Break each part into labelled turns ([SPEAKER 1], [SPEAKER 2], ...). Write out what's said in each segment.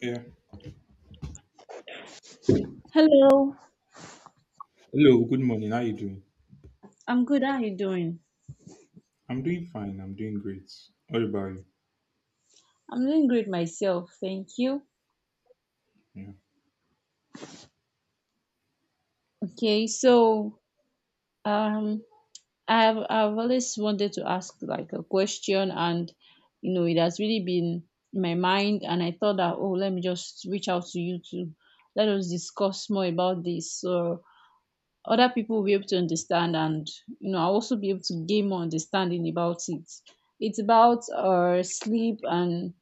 [SPEAKER 1] Yeah.
[SPEAKER 2] Hello,
[SPEAKER 1] Hello, good morning. How you doing?
[SPEAKER 2] I'm good. How are you doing?
[SPEAKER 1] I'm doing fine. I'm doing great. What about you?
[SPEAKER 2] I'm doing great myself, thank you.
[SPEAKER 1] Yeah.
[SPEAKER 2] Okay, so um, I've always wanted to ask like a question, and it has really been in my mind, and I thought that oh, let me just reach out to you to let us discuss more about this, so other people will be able to understand, and I'll also be able to gain more understanding about it. It's about our sleep and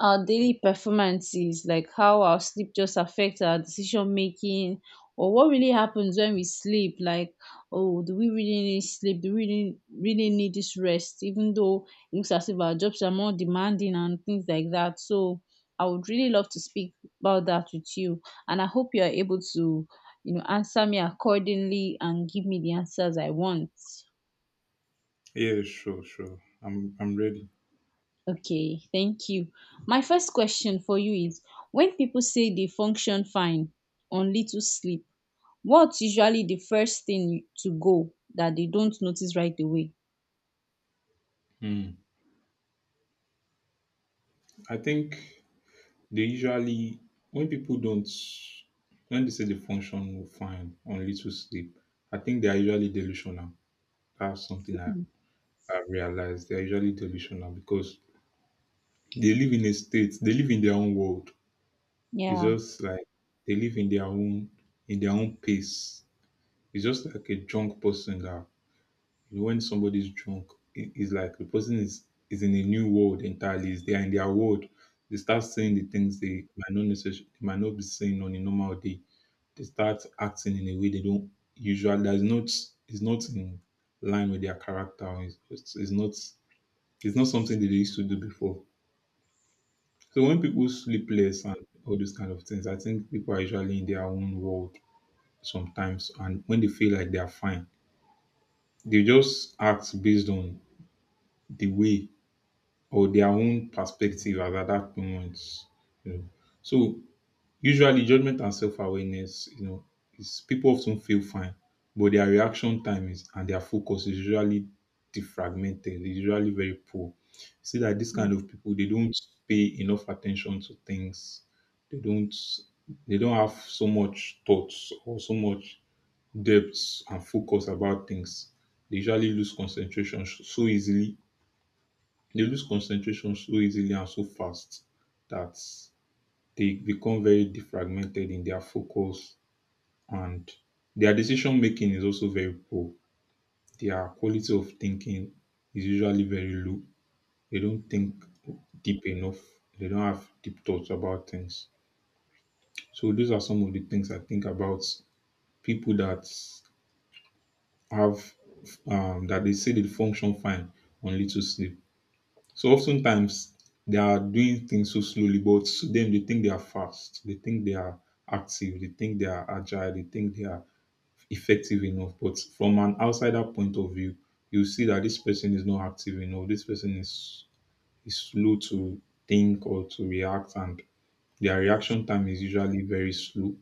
[SPEAKER 2] our daily performances, like how our sleep just affects our decision making, or what really happens when we sleep. Like, oh, do we really need sleep? Do we really, really need this rest? Even though it looks as if our jobs are more demanding and things like that. So, I would really love to speak about that with you, and I hope you are able to, answer me accordingly and give me the answers I want.
[SPEAKER 1] Yeah, sure, sure. I'm ready.
[SPEAKER 2] Okay, thank you. My first question for you is when people say they function fine on little sleep, what's usually the first thing to go that they don't notice right away?
[SPEAKER 1] Hmm. I think they usually, when people don't, when they say the function will fine on little sleep, I think they are usually delusional. That's something I realized. They're usually delusional because they live in a state, they live in their own world. It's
[SPEAKER 2] Yeah.
[SPEAKER 1] just like they live in their own pace. It's just like a drunk person that, when somebody's drunk, it's like the person is in a new world entirely. Is they are in their world. They start saying
[SPEAKER 2] Mhm.
[SPEAKER 1] the things they might not necessarily they might not be saying on a normal day. They start acting in a way they don't usually. That's not is not in line with their character. It's not something that they used to do before. So when people sleep less and all those kind of things, I think people are usually in their own world sometimes, and when they feel like they are fine, they just act based on the way or their own perspective as at that moment. You know, so usually judgment and self-awareness, you know, is people often feel fine, but their reaction time is and their focus is usually defragmented. It's usually very poor. See that this kind of people they don't pay enough attention to things. They don't they don't have so much thoughts or so much depth and focus about things. They usually lose concentration so easily, they lose concentration so easily and so fast that they become very defragmented in their focus, and their decision making is also very poor. Their quality of thinking is usually very low. They don't think deep enough. They don't have deep thoughts about things. So those are some of the things I think about people that have that they say they function fine on little sleep. So oftentimes they are doing things so slowly, but to them they think they are fast. They think they are active. They think they are agile. They think they are effective enough. But from an outsider point of view, you see that this person is not active enough. This person is slow to think or to react, and their reaction time is usually very slow.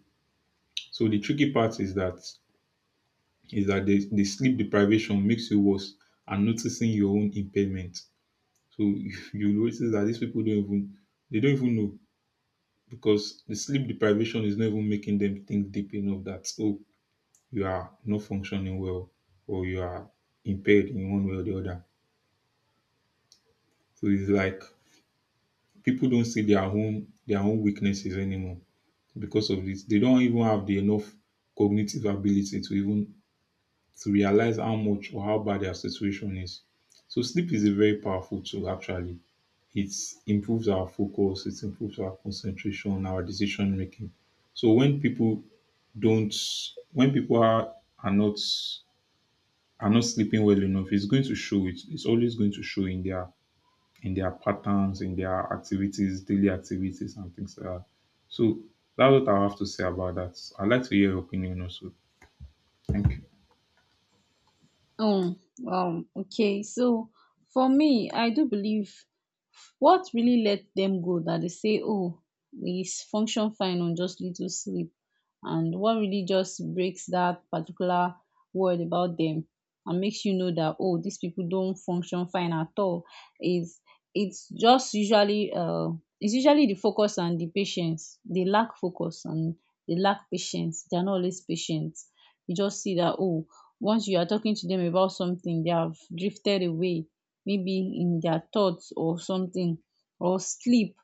[SPEAKER 1] So the tricky part is that the sleep deprivation makes you worse and noticing your own impairment. So you notice that these people don't even, they don't even know because the sleep deprivation is not even making them think deep enough, that oh, you are not functioning well or you are impaired in one way or the other. So it's like people don't see their own weaknesses anymore because of this. They don't even have the enough cognitive ability to even to realize how much or how bad their situation is. So sleep is a very powerful tool actually. It improves our focus, it improves our concentration, our decision making. So when people don't, when people are not are not sleeping well enough, it's going to show. It's always going to show in their patterns, in their activities, daily activities, and things like that. So that's what I have to say about that. I'd like to hear your opinion also. Thank you.
[SPEAKER 2] um um okay, so for me, I do believe what really let them go that they say, oh, we function fine on just little sleep, and what really just breaks that particular word about them and makes you know that oh, these people don't function fine at all is, it's just usually it's usually the focus and the patience. They lack focus and they lack patience. They're not always patient. You just see that oh, once you are talking to them about something, they have drifted away, maybe in their thoughts or something, or sleep.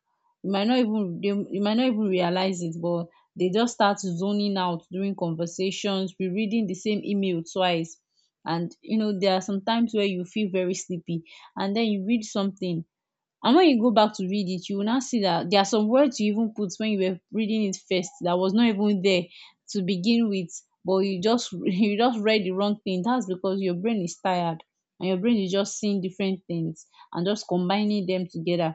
[SPEAKER 2] You might not even realize it, but they just start zoning out during conversations, rereading the same email twice. And there are some times where you feel very sleepy, and then you read something, and when you go back to read it, you will now see that there are some words you even put when you were reading it first that was not even there to begin with. But you just you just read the wrong thing. That's because your brain is tired, and your brain is just seeing different things and just combining them together.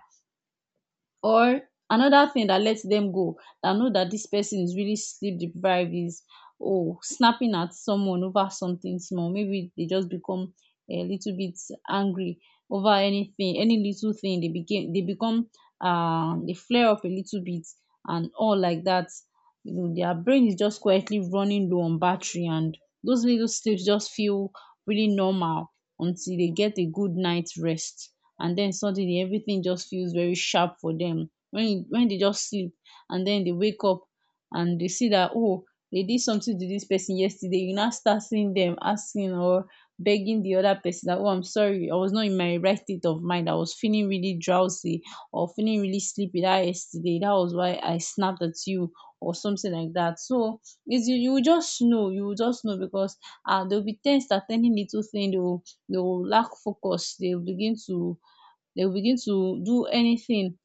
[SPEAKER 2] Or another thing that lets them go, that know that this person is really sleep deprived, is oh, snapping at someone over something small. Maybe they just become a little bit angry over anything, any little thing. They became they become, they flare up a little bit and all like that. Their brain is just quietly running low on battery, and those little sleeps just feel really normal until they get a good night's rest, and then suddenly everything just feels very sharp for them, when they just sleep and then they wake up and they see that oh, they did something to this person yesterday. You now start seeing them asking or begging the other person that oh, I'm sorry, I was not in my right state of mind. I was feeling really drowsy or feeling really sleepy that yesterday, that was why I snapped at you, or something like that. So it's you will just know, because they'll be tensed at any little thing. They will lack focus. They will begin to do anything.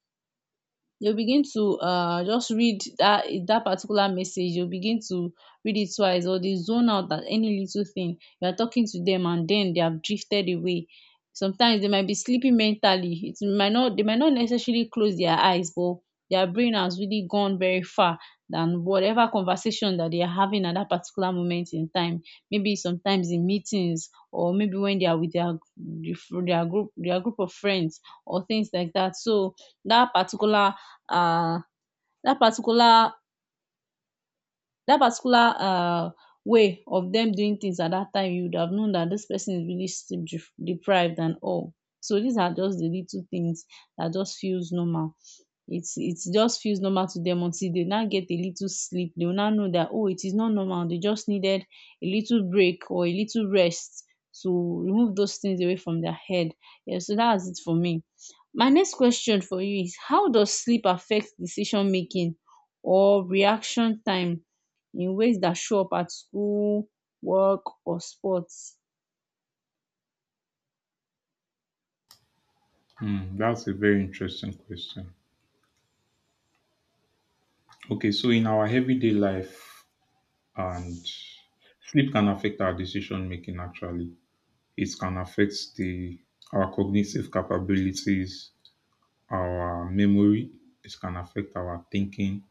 [SPEAKER 2] You go begin to just read that particular message. You go begin to read it twice, or they zone out at any little thing you are talking to them, and then they have drifted away. Sometimes they might be sleeping mentally. It might not They might not necessarily close their eyes, but their brain has really gone very far than whatever conversation that they are having at that particular moment in time, maybe sometimes in meetings or maybe when they are with their group of friends or things like that. So that particular uh that particular that particular way of them doing things at that time, you would have known that this person is really sleep deprived and all. So these are just the little things that just feels normal. It just feels normal to them until they now get a little sleep. They will now know that oh, it is not normal. They just needed a little break or a little rest to remove those things away from their head. Yeah, so that's it for me. My next question for you is how does sleep affect decision making or reaction time in ways that show up at school, work, or sports.
[SPEAKER 1] Hmm, that's a very interesting question. Okay, so in our everyday life, and sleep can affect our decision making actually. It can affect the our cognitive capabilities, our memory, it can affect our thinking,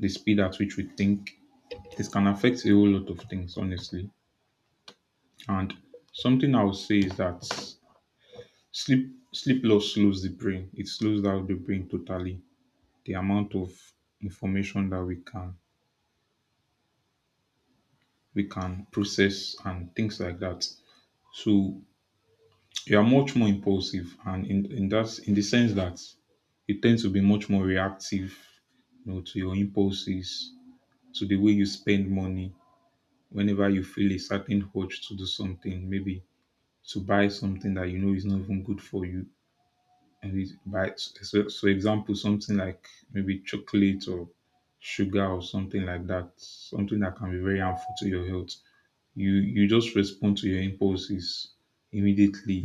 [SPEAKER 1] the speed at which we think. It can affect a whole lot of things, honestly. And something I would say is that sleep loss slows the brain. It slows down the brain totally. The amount of information that we can process and things like that. So you are much more impulsive and in that in the sense that you tend to be much more reactive, you know, to your impulses, to the way you spend money whenever you feel a certain urge to do something, maybe to buy something that you know is not even good for you, and it's buy so, so example something like maybe chocolate or sugar or something like that, something that can be very harmful to your health. You just respond to your impulses immediately.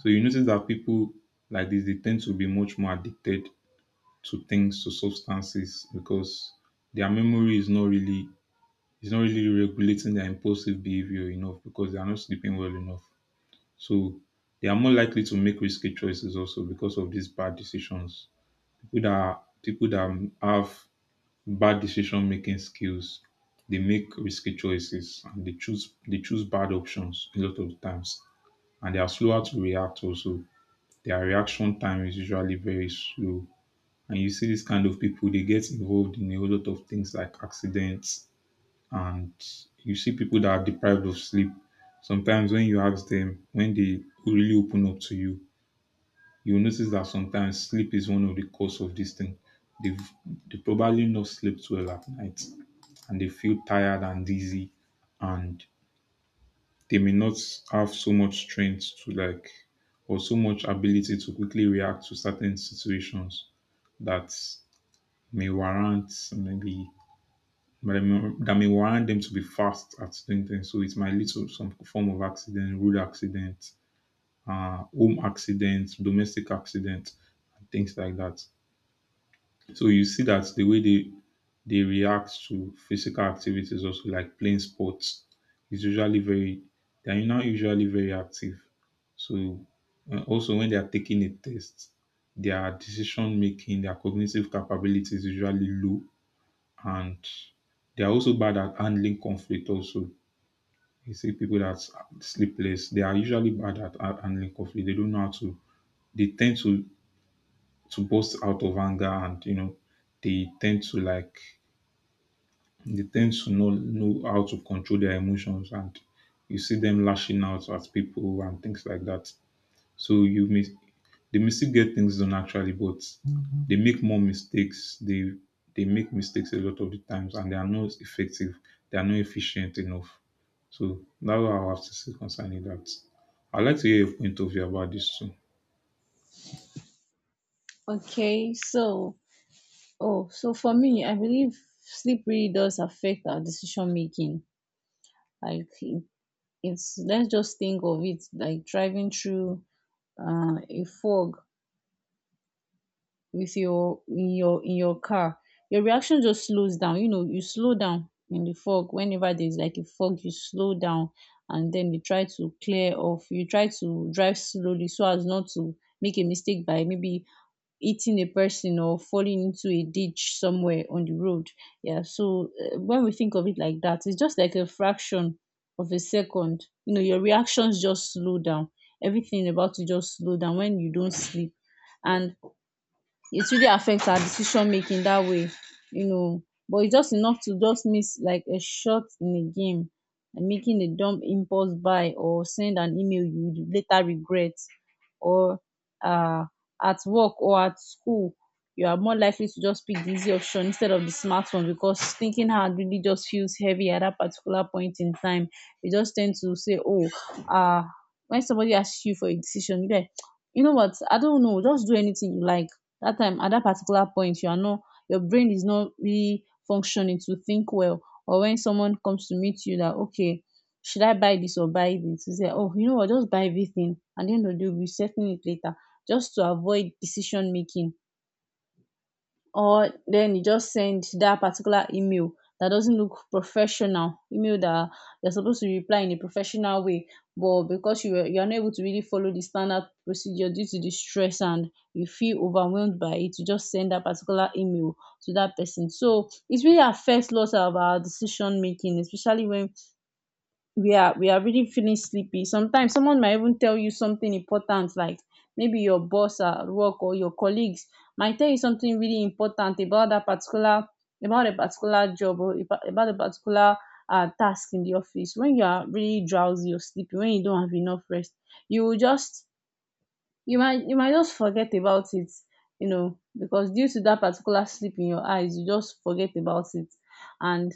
[SPEAKER 1] So you notice that people like this they tend to be much more addicted to things, to substances because their memory is not really regulating their impulsive behavior enough because they are not sleeping well enough. So they are more likely to make risky choices also because of these bad decisions. People that have bad decision-making skills. They make risky choices and they choose bad options a lot of times. And they are slower to react also. Their reaction time is usually very slow. And you see this kind of people, they get involved in a whole lot of things like accidents. And you see people that are deprived of sleep. Sometimes when you ask them, when they really open up to you, you'll notice that sometimes sleep is one of the cause of this thing. They've they probably not slept well at night, and they feel tired and dizzy, and they may not have so much strength to, like, or so much ability to quickly react to certain situations that may warrant, maybe, that may warrant them to be fast at doing things. So it might lead to some form of accident, road accident, home accident, domestic accident, and things like that. So you see that the way they react to physical activities also like playing sports. It's usually very, they are now usually very active. So also when they are taking a test, their decision making, their cognitive capability is usually low, and they are also bad at handling conflict also. You see people that sleepless, they are usually bad at handling conflict. They don't know how to they tend to burst out of anger, and you know they tend to like, they tend to know how to control their emotions, and you see them lashing out at people and things like that. So you may they may still get things done actually, but they make more mistakes. They make mistakes a lot of the times, and they are not effective. They are not efficient enough. So that's what I have to say concerning that. I'd like to hear a point of view about this too.
[SPEAKER 2] Okay, so for me, I believe sleep really does affect our decision making. Like, it's let's just think of it like driving through a fog with your in your in your car. Your reaction just slows down. You slow down in the fog whenever there's like a fog. You slow down and then you try to clear off, you try to drive slowly so as not to make a mistake by maybe hitting a person or falling into a ditch somewhere on the road. Yeah, so when we think of it like that, it's just like a fraction of a second. Your reactions just slow down. Everything about you just slow down when you don't sleep, and it really affects our decision making that way, you know. But it's just enough to just miss like a shot in a game, and making a dumb impulse buy or send an email you would later regret, or uh, at work or at school, you are more likely to just pick the easy option instead of the smart one because thinking hard really just feels heavy at that particular point in time. You just tend to say, oh, uh, when somebody asks you for a decision, you're like, you know what? I don't know. Just do anything you like. That time, at that particular point, your brain is not really functioning to think well. Or when someone comes to meet you that okay, should I buy this or buy this, you say, oh, you know what? Just buy everything. At the end of the day we'll be settling it later, just to avoid decision making. Or then you just send that particular email, that doesn't look professional email, that you're supposed to reply in a professional way, but because you are not able to really follow the standard procedure due to the stress, and you feel overwhelmed by it, you just send that particular email to that person. So it really affects lots of our decision making, especially when we are really feeling sleepy. Sometimes someone might even tell you something important, like maybe your boss at work or your colleagues might tell you something really important about that particular about a particular job, or about a particular task in the office. When you are really drowsy or sleepy, when you don't have enough rest, you will just you might just forget about it. Because due to that particular sleep in your eyes, you just forget about it. And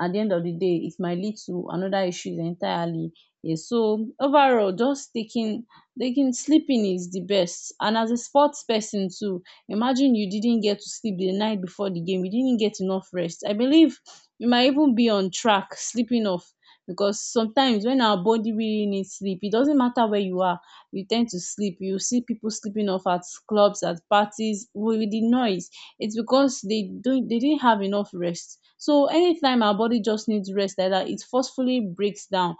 [SPEAKER 2] at the end of the day it might lead to another issues entirely. Yeah, so overall, just taking sleeping is the best. And as a sports person too, imagine you didn't get to sleep the night before the game, you didn't get enough rest. I believe you might even be on track sleeping off, because sometimes when our body really needs sleep, it doesn't matter where you are, you tend to sleep. You see people sleeping off at clubs, at parties, with the noise. It's because they didn't have enough rest. So anytime our body just needs rest like that, it forcefully breaks down,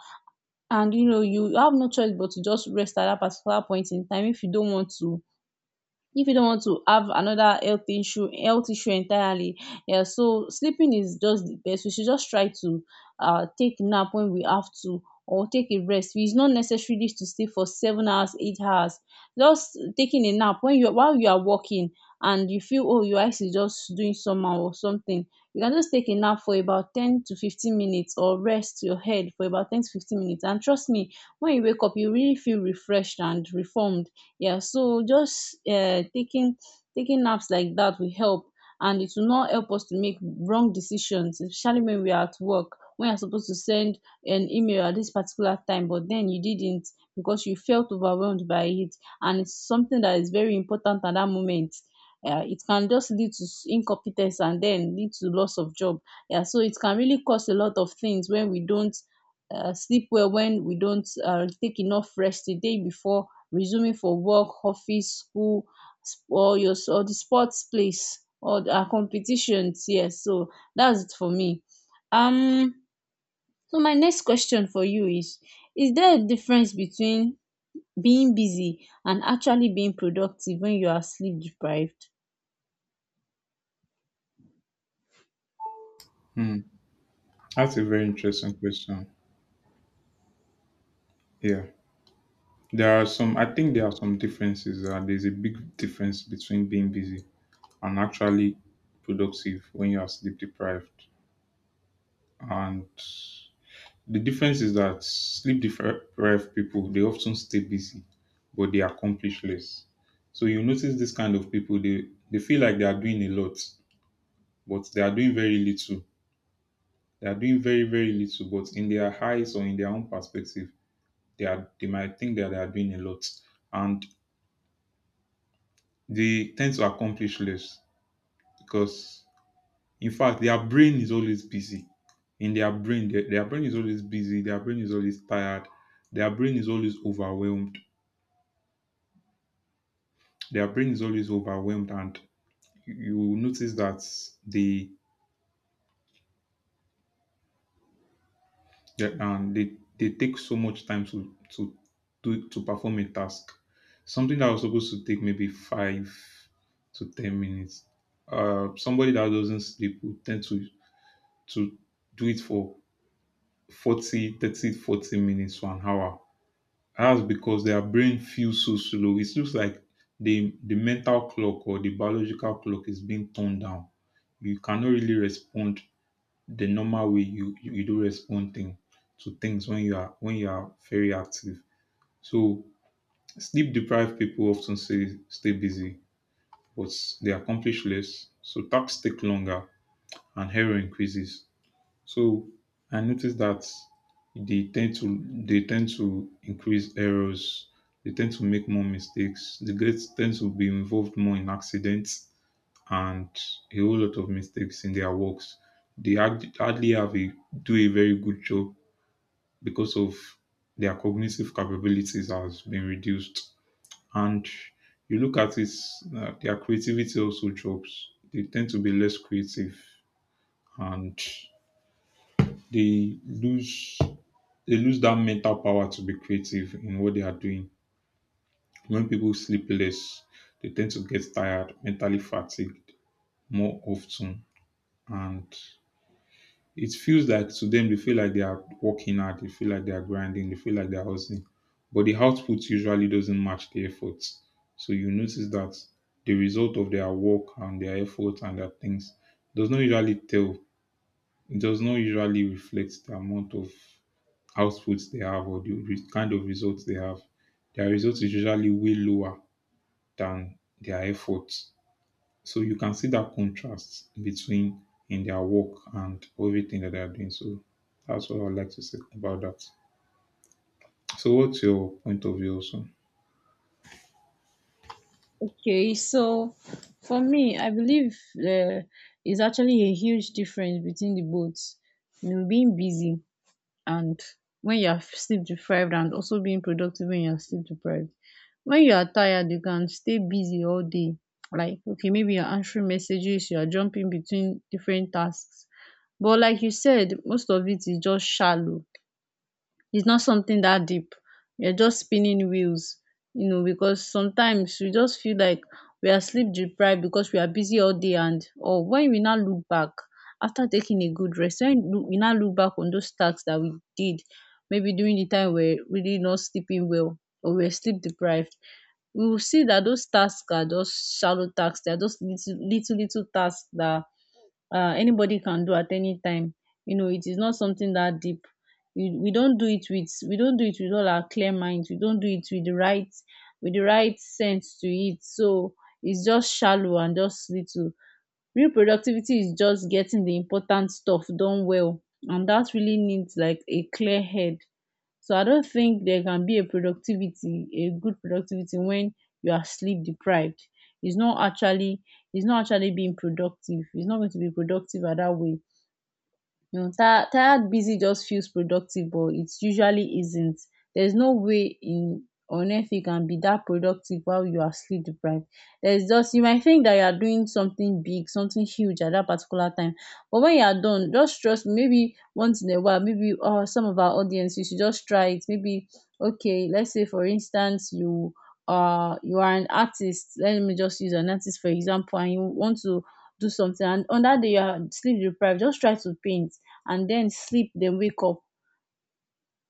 [SPEAKER 2] and you have no choice but to just rest at that particular point in time, if you don't want to have another health issue entirely. Yeah, so sleeping is just the best. We should just try to take nap when we have to or take a rest. It's not necessarily to sleep for 7 hours 8 hours, just taking a nap when you while you are working, and you feel oh, your eyes is just doing somehow or something. You can just take a nap for about 10 to 15 minutes or rest your head for about 10 to 15 minutes, and trust me, when you wake up you really feel refreshed and reformed. Yeah, so just taking naps like that will help, and it will not help us to make wrong decisions, especially when we are at work, when you are supposed to send an email at this particular time but then you didn't because you felt overwhelmed by it, and it's something that is very important at that moment. Yeah, it can just lead to incompetence and then lead to loss of job. Yeah, so it can really cause a lot of things when we don't sleep well, when we don't take enough rest the day before, resuming for work, office, school, or the sports place or our competitions. Yes, so that's it for me. um so my next question for you is there a difference between being busy and actually being productive when you are sleep deprived?
[SPEAKER 1] That's a very interesting question. Yeah. There are some, I think there are some differences. There's a big difference between being busy and actually productive when you are sleep deprived. And the difference is that sleep deprived people they often stay busy, but they accomplish less. So you notice this kind of people they feel like they are doing a lot, but they are doing very little. They are doing very very little, but in their eyes or in their own perspective, they are they might think that they are doing a lot, and they tend to accomplish less because in fact their brain is always busy in their brain, their brain is always busy, their brain is always tired, their brain is always overwhelmed, and you will notice that they they take so much time to to perform a task, something that was supposed to take maybe 5 to 10 minutes. Somebody that doesn't sleep will tend to to do it for 40, 30, 40 minutes to an hour. That's because their brain feels so slow. It looks like the mental clock or the biological clock is being turned down. You cannot really respond the normal way you do respond thing to things when you are very active. So sleep deprived people often say stay busy, but they accomplish less. So tasks take longer and error increases. So I noticed that they tend to increase errors. They tend to make more mistakes. The girls tend to be involved more in accidents and a whole lot of mistakes in their works. They hardly have a do a very good job because of their cognitive capabilities has been reduced. And you look at it, their creativity also drops. They tend to be less creative and they lose they lose that mental power to be creative in what they are doing. When people sleep less, they tend to get tired, mentally fatigued more often. And it feels like to them, they feel like they are working hard, they feel like they are grinding, they feel like they are hustling. But the output usually doesn't match the effort. So you notice that the result of their work and their effort and their things does not usually tell, it does not usually reflect the amount of outputs they have or the kind of results they have. Their results is usually way lower than their efforts. So you can see that contrast between in their work and everything that they are doing. So that's what I would like to say about that. So what's your point of view also?
[SPEAKER 2] Okay, so for me I believe, um is actually a huge difference between the both, you know, being busy and when you are sleep deprived, and also being productive when you are sleep deprived. When you are tired, you can stay busy all day. Like, okay, maybe you're answering messages, you are jumping between different tasks. But like you said, most of it is just shallow. It's not something that deep. You're just spinning wheels, you know, because sometimes we just feel like we are sleep deprived because we are busy all day, and or when we now look back after taking a good rest, when we now look back on those tasks that we did, maybe during the time we're really not sleeping well or we're sleep deprived, we will see that those tasks are just shallow tasks. They are just little, little, little tasks that anybody can do at any time. You know, it is not something that deep. We don't do it with, we don't do it with all our clear minds. We don't do it with the right, with the right sense to it. So it's just shallow and just little. Real productivity is just getting the important stuff done well, and that really needs like a clear head. So I don't think there can be a productivity, a good productivity when you are sleep deprived. It's not actually it's not actually being productive. It's not going to be productive at that way. You know, tired busy just feels productive but it usually isn't. There's no way in, on earth you can be that productive while you are sleep deprived. There's just, you might think that you are doing something big, something huge at that particular time, but when you are done, just trust me, maybe once in a while, maybe some of our audience, you should just try it. Maybe, okay, let's say for instance you, you are an artist, let me just use an artist for example, and you want to do something, and on that day you are sleep deprived, just try to paint and then sleep, then wake up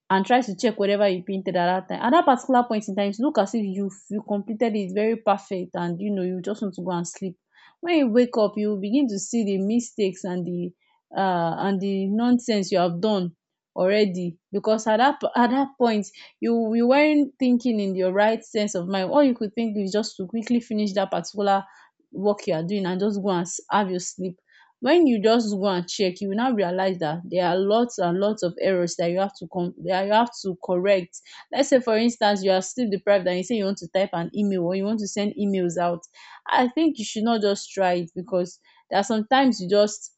[SPEAKER 2] and try to check whatever you printed at that time, at that particular point in time. It look as if you completed it very perfect, and you know, you just want to go and sleep. When you wake up, you will begin to see the mistakes and the nonsense you have done already, because at at that point you weren't thinking in your right sense of mind. All you could think is just to quickly finish that particular work you are doing and just go and have your sleep. When you just go and check, you will now realize that there are lots and lots of errors that you have to that you have to correct. Let's say for instance you are sleep deprived, and you say you want to type an email or you want to send emails out. I think you should not just try it, because there are sometimes you just,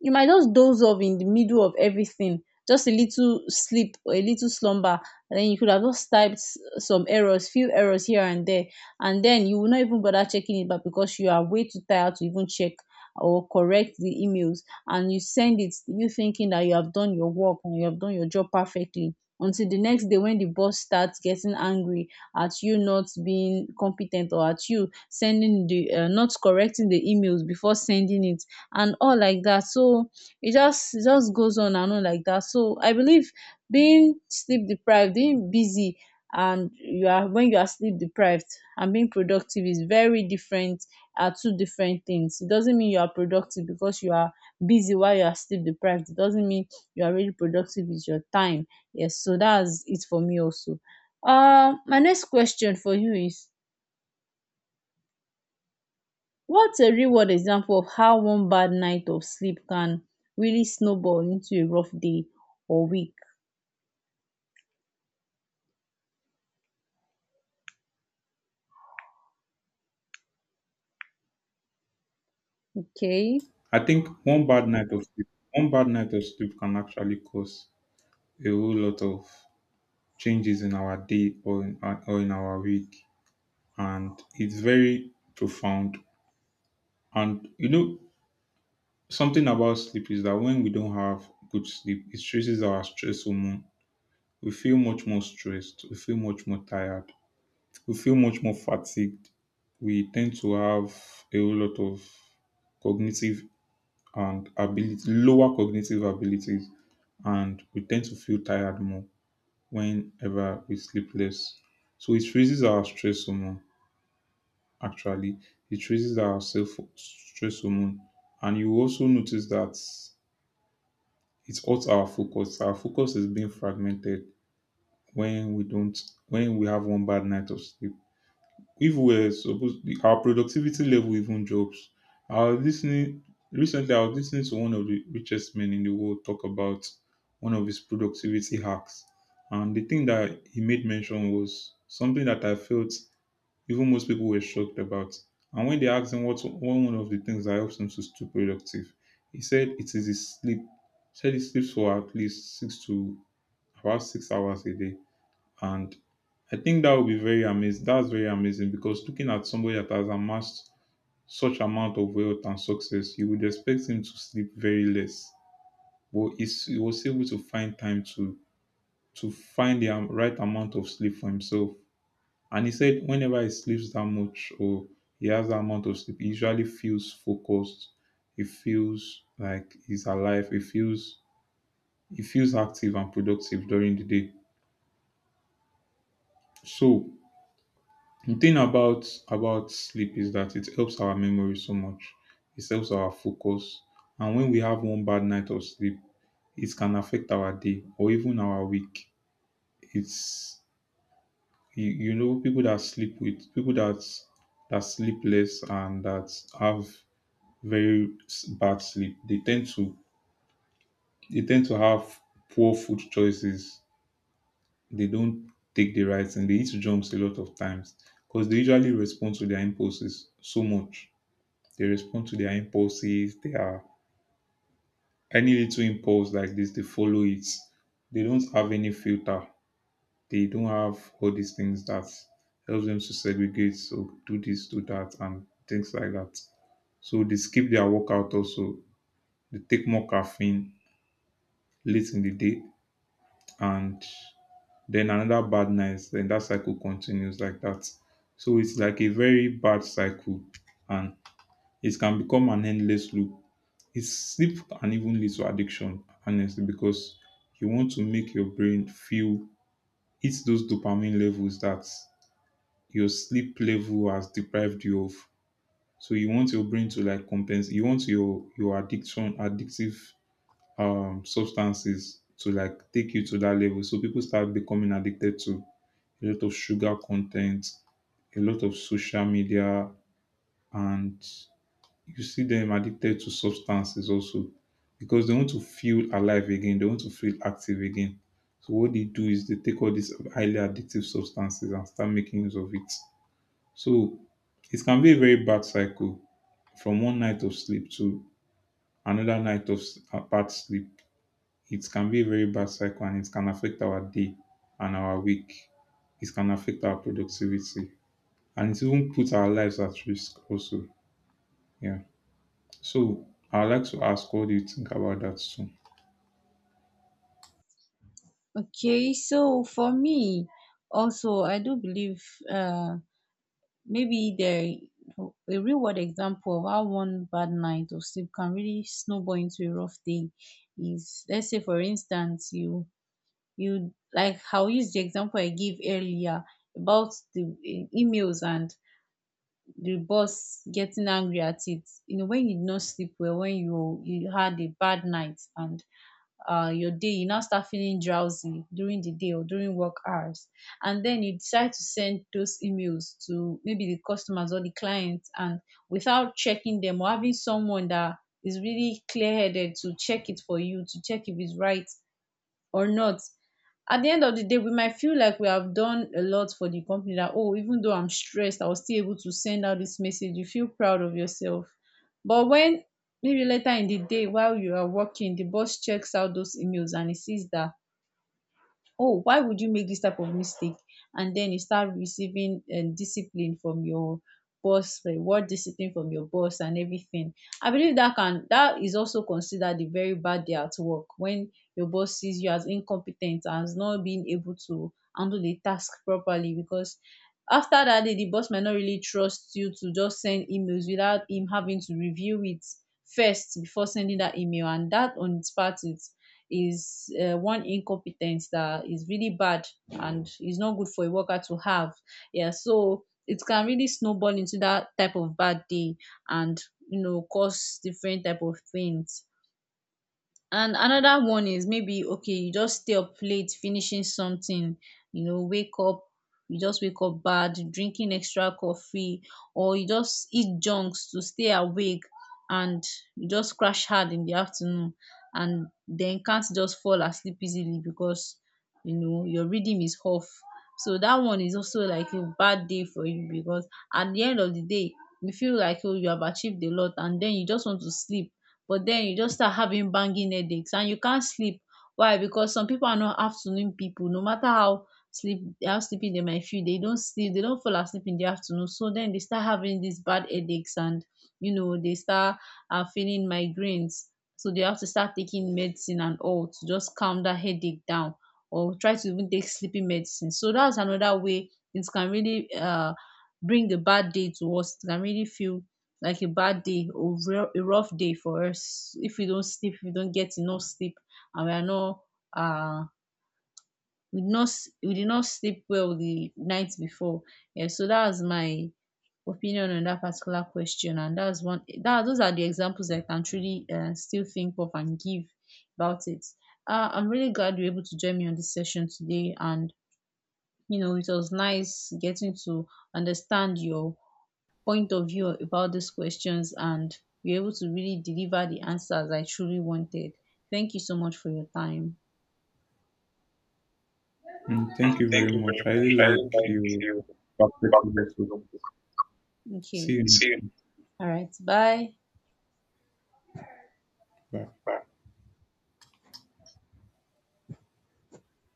[SPEAKER 2] you might just doze off in the middle of everything, just a little sleep or a little slumber, and then you could have just typed some errors, few errors here and there, and then you will not even bother checking it back because you are way too tired to even check or correct the emails. And you send it, you thinking that you have done your work and you have done your job perfectly, until the next day when the boss starts getting angry at you not being competent, or at you sending the not correcting the emails before sending it and all like that. So it just, it just goes on and on like that. So I believe, being sleep deprived, being busy and you are, when you are sleep deprived, and being productive is very different, are two different things. It doesn't mean you are productive because you are busy while you are sleep deprived. It doesn't mean you are really productive with your time. Yes, so that's it for me also. My next question for you is, what's a real world example of how one bad night of sleep can really snowball into a rough day or week? Okay.
[SPEAKER 1] I think one bad night of sleep, one bad night of sleep can actually cause a whole lot of changes in our day, or in our week, and it's very profound. And you know, something about sleep is that when we don't have good sleep, it stresses our stress hormone. We feel much more stressed. We feel much more tired. We feel much more fatigued. We tend to have a whole lot of cognitive and ability, lower cognitive abilities, and we tend to feel tired more whenever we sleep less. So it raises our stress hormone. Actually, it raises our self stress hormone. And you also notice that it's also our focus. Our focus is being fragmented when we don't when we have one bad night of sleep. If we're supposed, our productivity level even drops. I was listening, recently I was listening to one of the richest men in the world talk about one of his productivity hacks. And the thing that he made mention was something that I felt even most people were shocked about. And when they asked him what one of the things that helps him to stay productive, he said it is his sleep. He said he sleeps for at least six to about six hours a day. And I think that would be very amazing. That's very amazing because looking at somebody that has amassed such amount of wealth and success, you would expect him to sleep very less. But he was able to find time to find the right amount of sleep for himself, and he said whenever he sleeps that much, or he has that amount of sleep, he usually feels focused. He feels like he's alive. He feels active and productive during the day. So the thing about sleep is that it helps our memory so much. It helps our focus. And when we have one bad night of sleep, it can affect our day or even our week. It's you know, people that sleep with people that sleep less and that have very bad sleep. They tend to, they tend to have poor food choices. They don't take the right, and they eat jumps a lot of times because they usually respond to their impulses so much. They respond to their impulses. They are any little impulse like this, they follow it. They don't have any filter. They don't have all these things that helps them to segregate. So do this, do that, and things like that. So they skip their workout also. They take more caffeine late in the day, and then another bad night, then that cycle continues like that. So it's like a very bad cycle, and it can become an endless loop. It's sleep can even lead to addiction, honestly, because you want to make your brain feel it's those dopamine levels that your sleep level has deprived you of. So you want your brain to like compensate. You want your addiction, addictive substances to like take you to that level. So people start becoming addicted to a lot of sugar content, a lot of social media, and you see them addicted to substances also, because they want to feel alive again, they want to feel active again. So what they do is they take all these highly addictive substances and start making use of it. So it can be a very bad cycle from one night of sleep to another night of bad sleep. It can be a very bad cycle, and it can affect our day and our week. It can affect our productivity, and it even puts our lives at risk also. Yeah. So I'd like to ask, what do you think about that too?
[SPEAKER 2] Okay, so for me, also, I do believe, uh, maybe there, a real world example of how one bad night of sleep can really snowball into a rough day is, let's say for instance you, you like how, use the example I gave earlier about the emails and the boss getting angry at it. You know, when you did not sleep well, when you had a bad night, and your day, you now start feeling drowsy during the day or during work hours, and then you decide to send those emails to maybe the customers or the clients, and without checking them or having someone that is really clear headed to check it for you, to check if it's right or not. At the end of the day, we might feel like we have done a lot for the company, that, oh, even though I'm stressed I was still able to send out this message. You feel proud of yourself. But when maybe later in the day while you are working, the boss checks out those emails and he sees that, oh, why would you make this type of mistake? And then you start receiving, discipline from your boss, reward discipline from your boss and everything. I believe that can, that is also considered a very bad day at work, when your boss sees you as incompetent, as not being able to handle the task properly, because after that day the boss might not really trust you to just send emails without him having to review it first before sending that email. And that on its part is one incompetence that is really bad and is not good for a worker to have. Yeah, so it can really snowball into that type of bad day, and you know, cause different type of things. And another one is, maybe okay, you just stay up late finishing something, you know, wake up, you just wake up bad, drinking extra coffee, or you just eat junks to stay awake, and you just crash hard in the afternoon, and then can't just fall asleep easily because you know your rhythm is off. So that one is also like a bad day for you, because at the end of the day, you feel like, oh, you have achieved a lot and then you just want to sleep, but then you just start having banging headaches and you can't sleep. Why? Because some people are not afternoon people. No matter how sleep how sleepy they might feel, they don't sleep, they don't fall asleep in the afternoon. So then they start having these bad headaches, and you know they start feeling migraines. So they have to start taking medicine and all to just calm that headache down, or try to even take sleeping medicine. So that's another way it can really bring the bad day to us. It can really feel like a bad day or a rough day for us if we don't sleep, if we don't get enough sleep, and we are not, uh we did not we did not sleep well the night before. Yeah, so that's my opinion on that particular question, and that's one that, those are the examples I can truly, still think of and give about it. I'm really glad you're able to join me on this session today, and you know, it was nice getting to understand your point of view about these questions and be able to really deliver the answers I truly wanted. Thank you so much for your time.
[SPEAKER 1] Mm, thank you very much. I really like your perspective also. See
[SPEAKER 2] Okay.
[SPEAKER 1] you next.
[SPEAKER 2] All right. Bye.
[SPEAKER 1] Bye.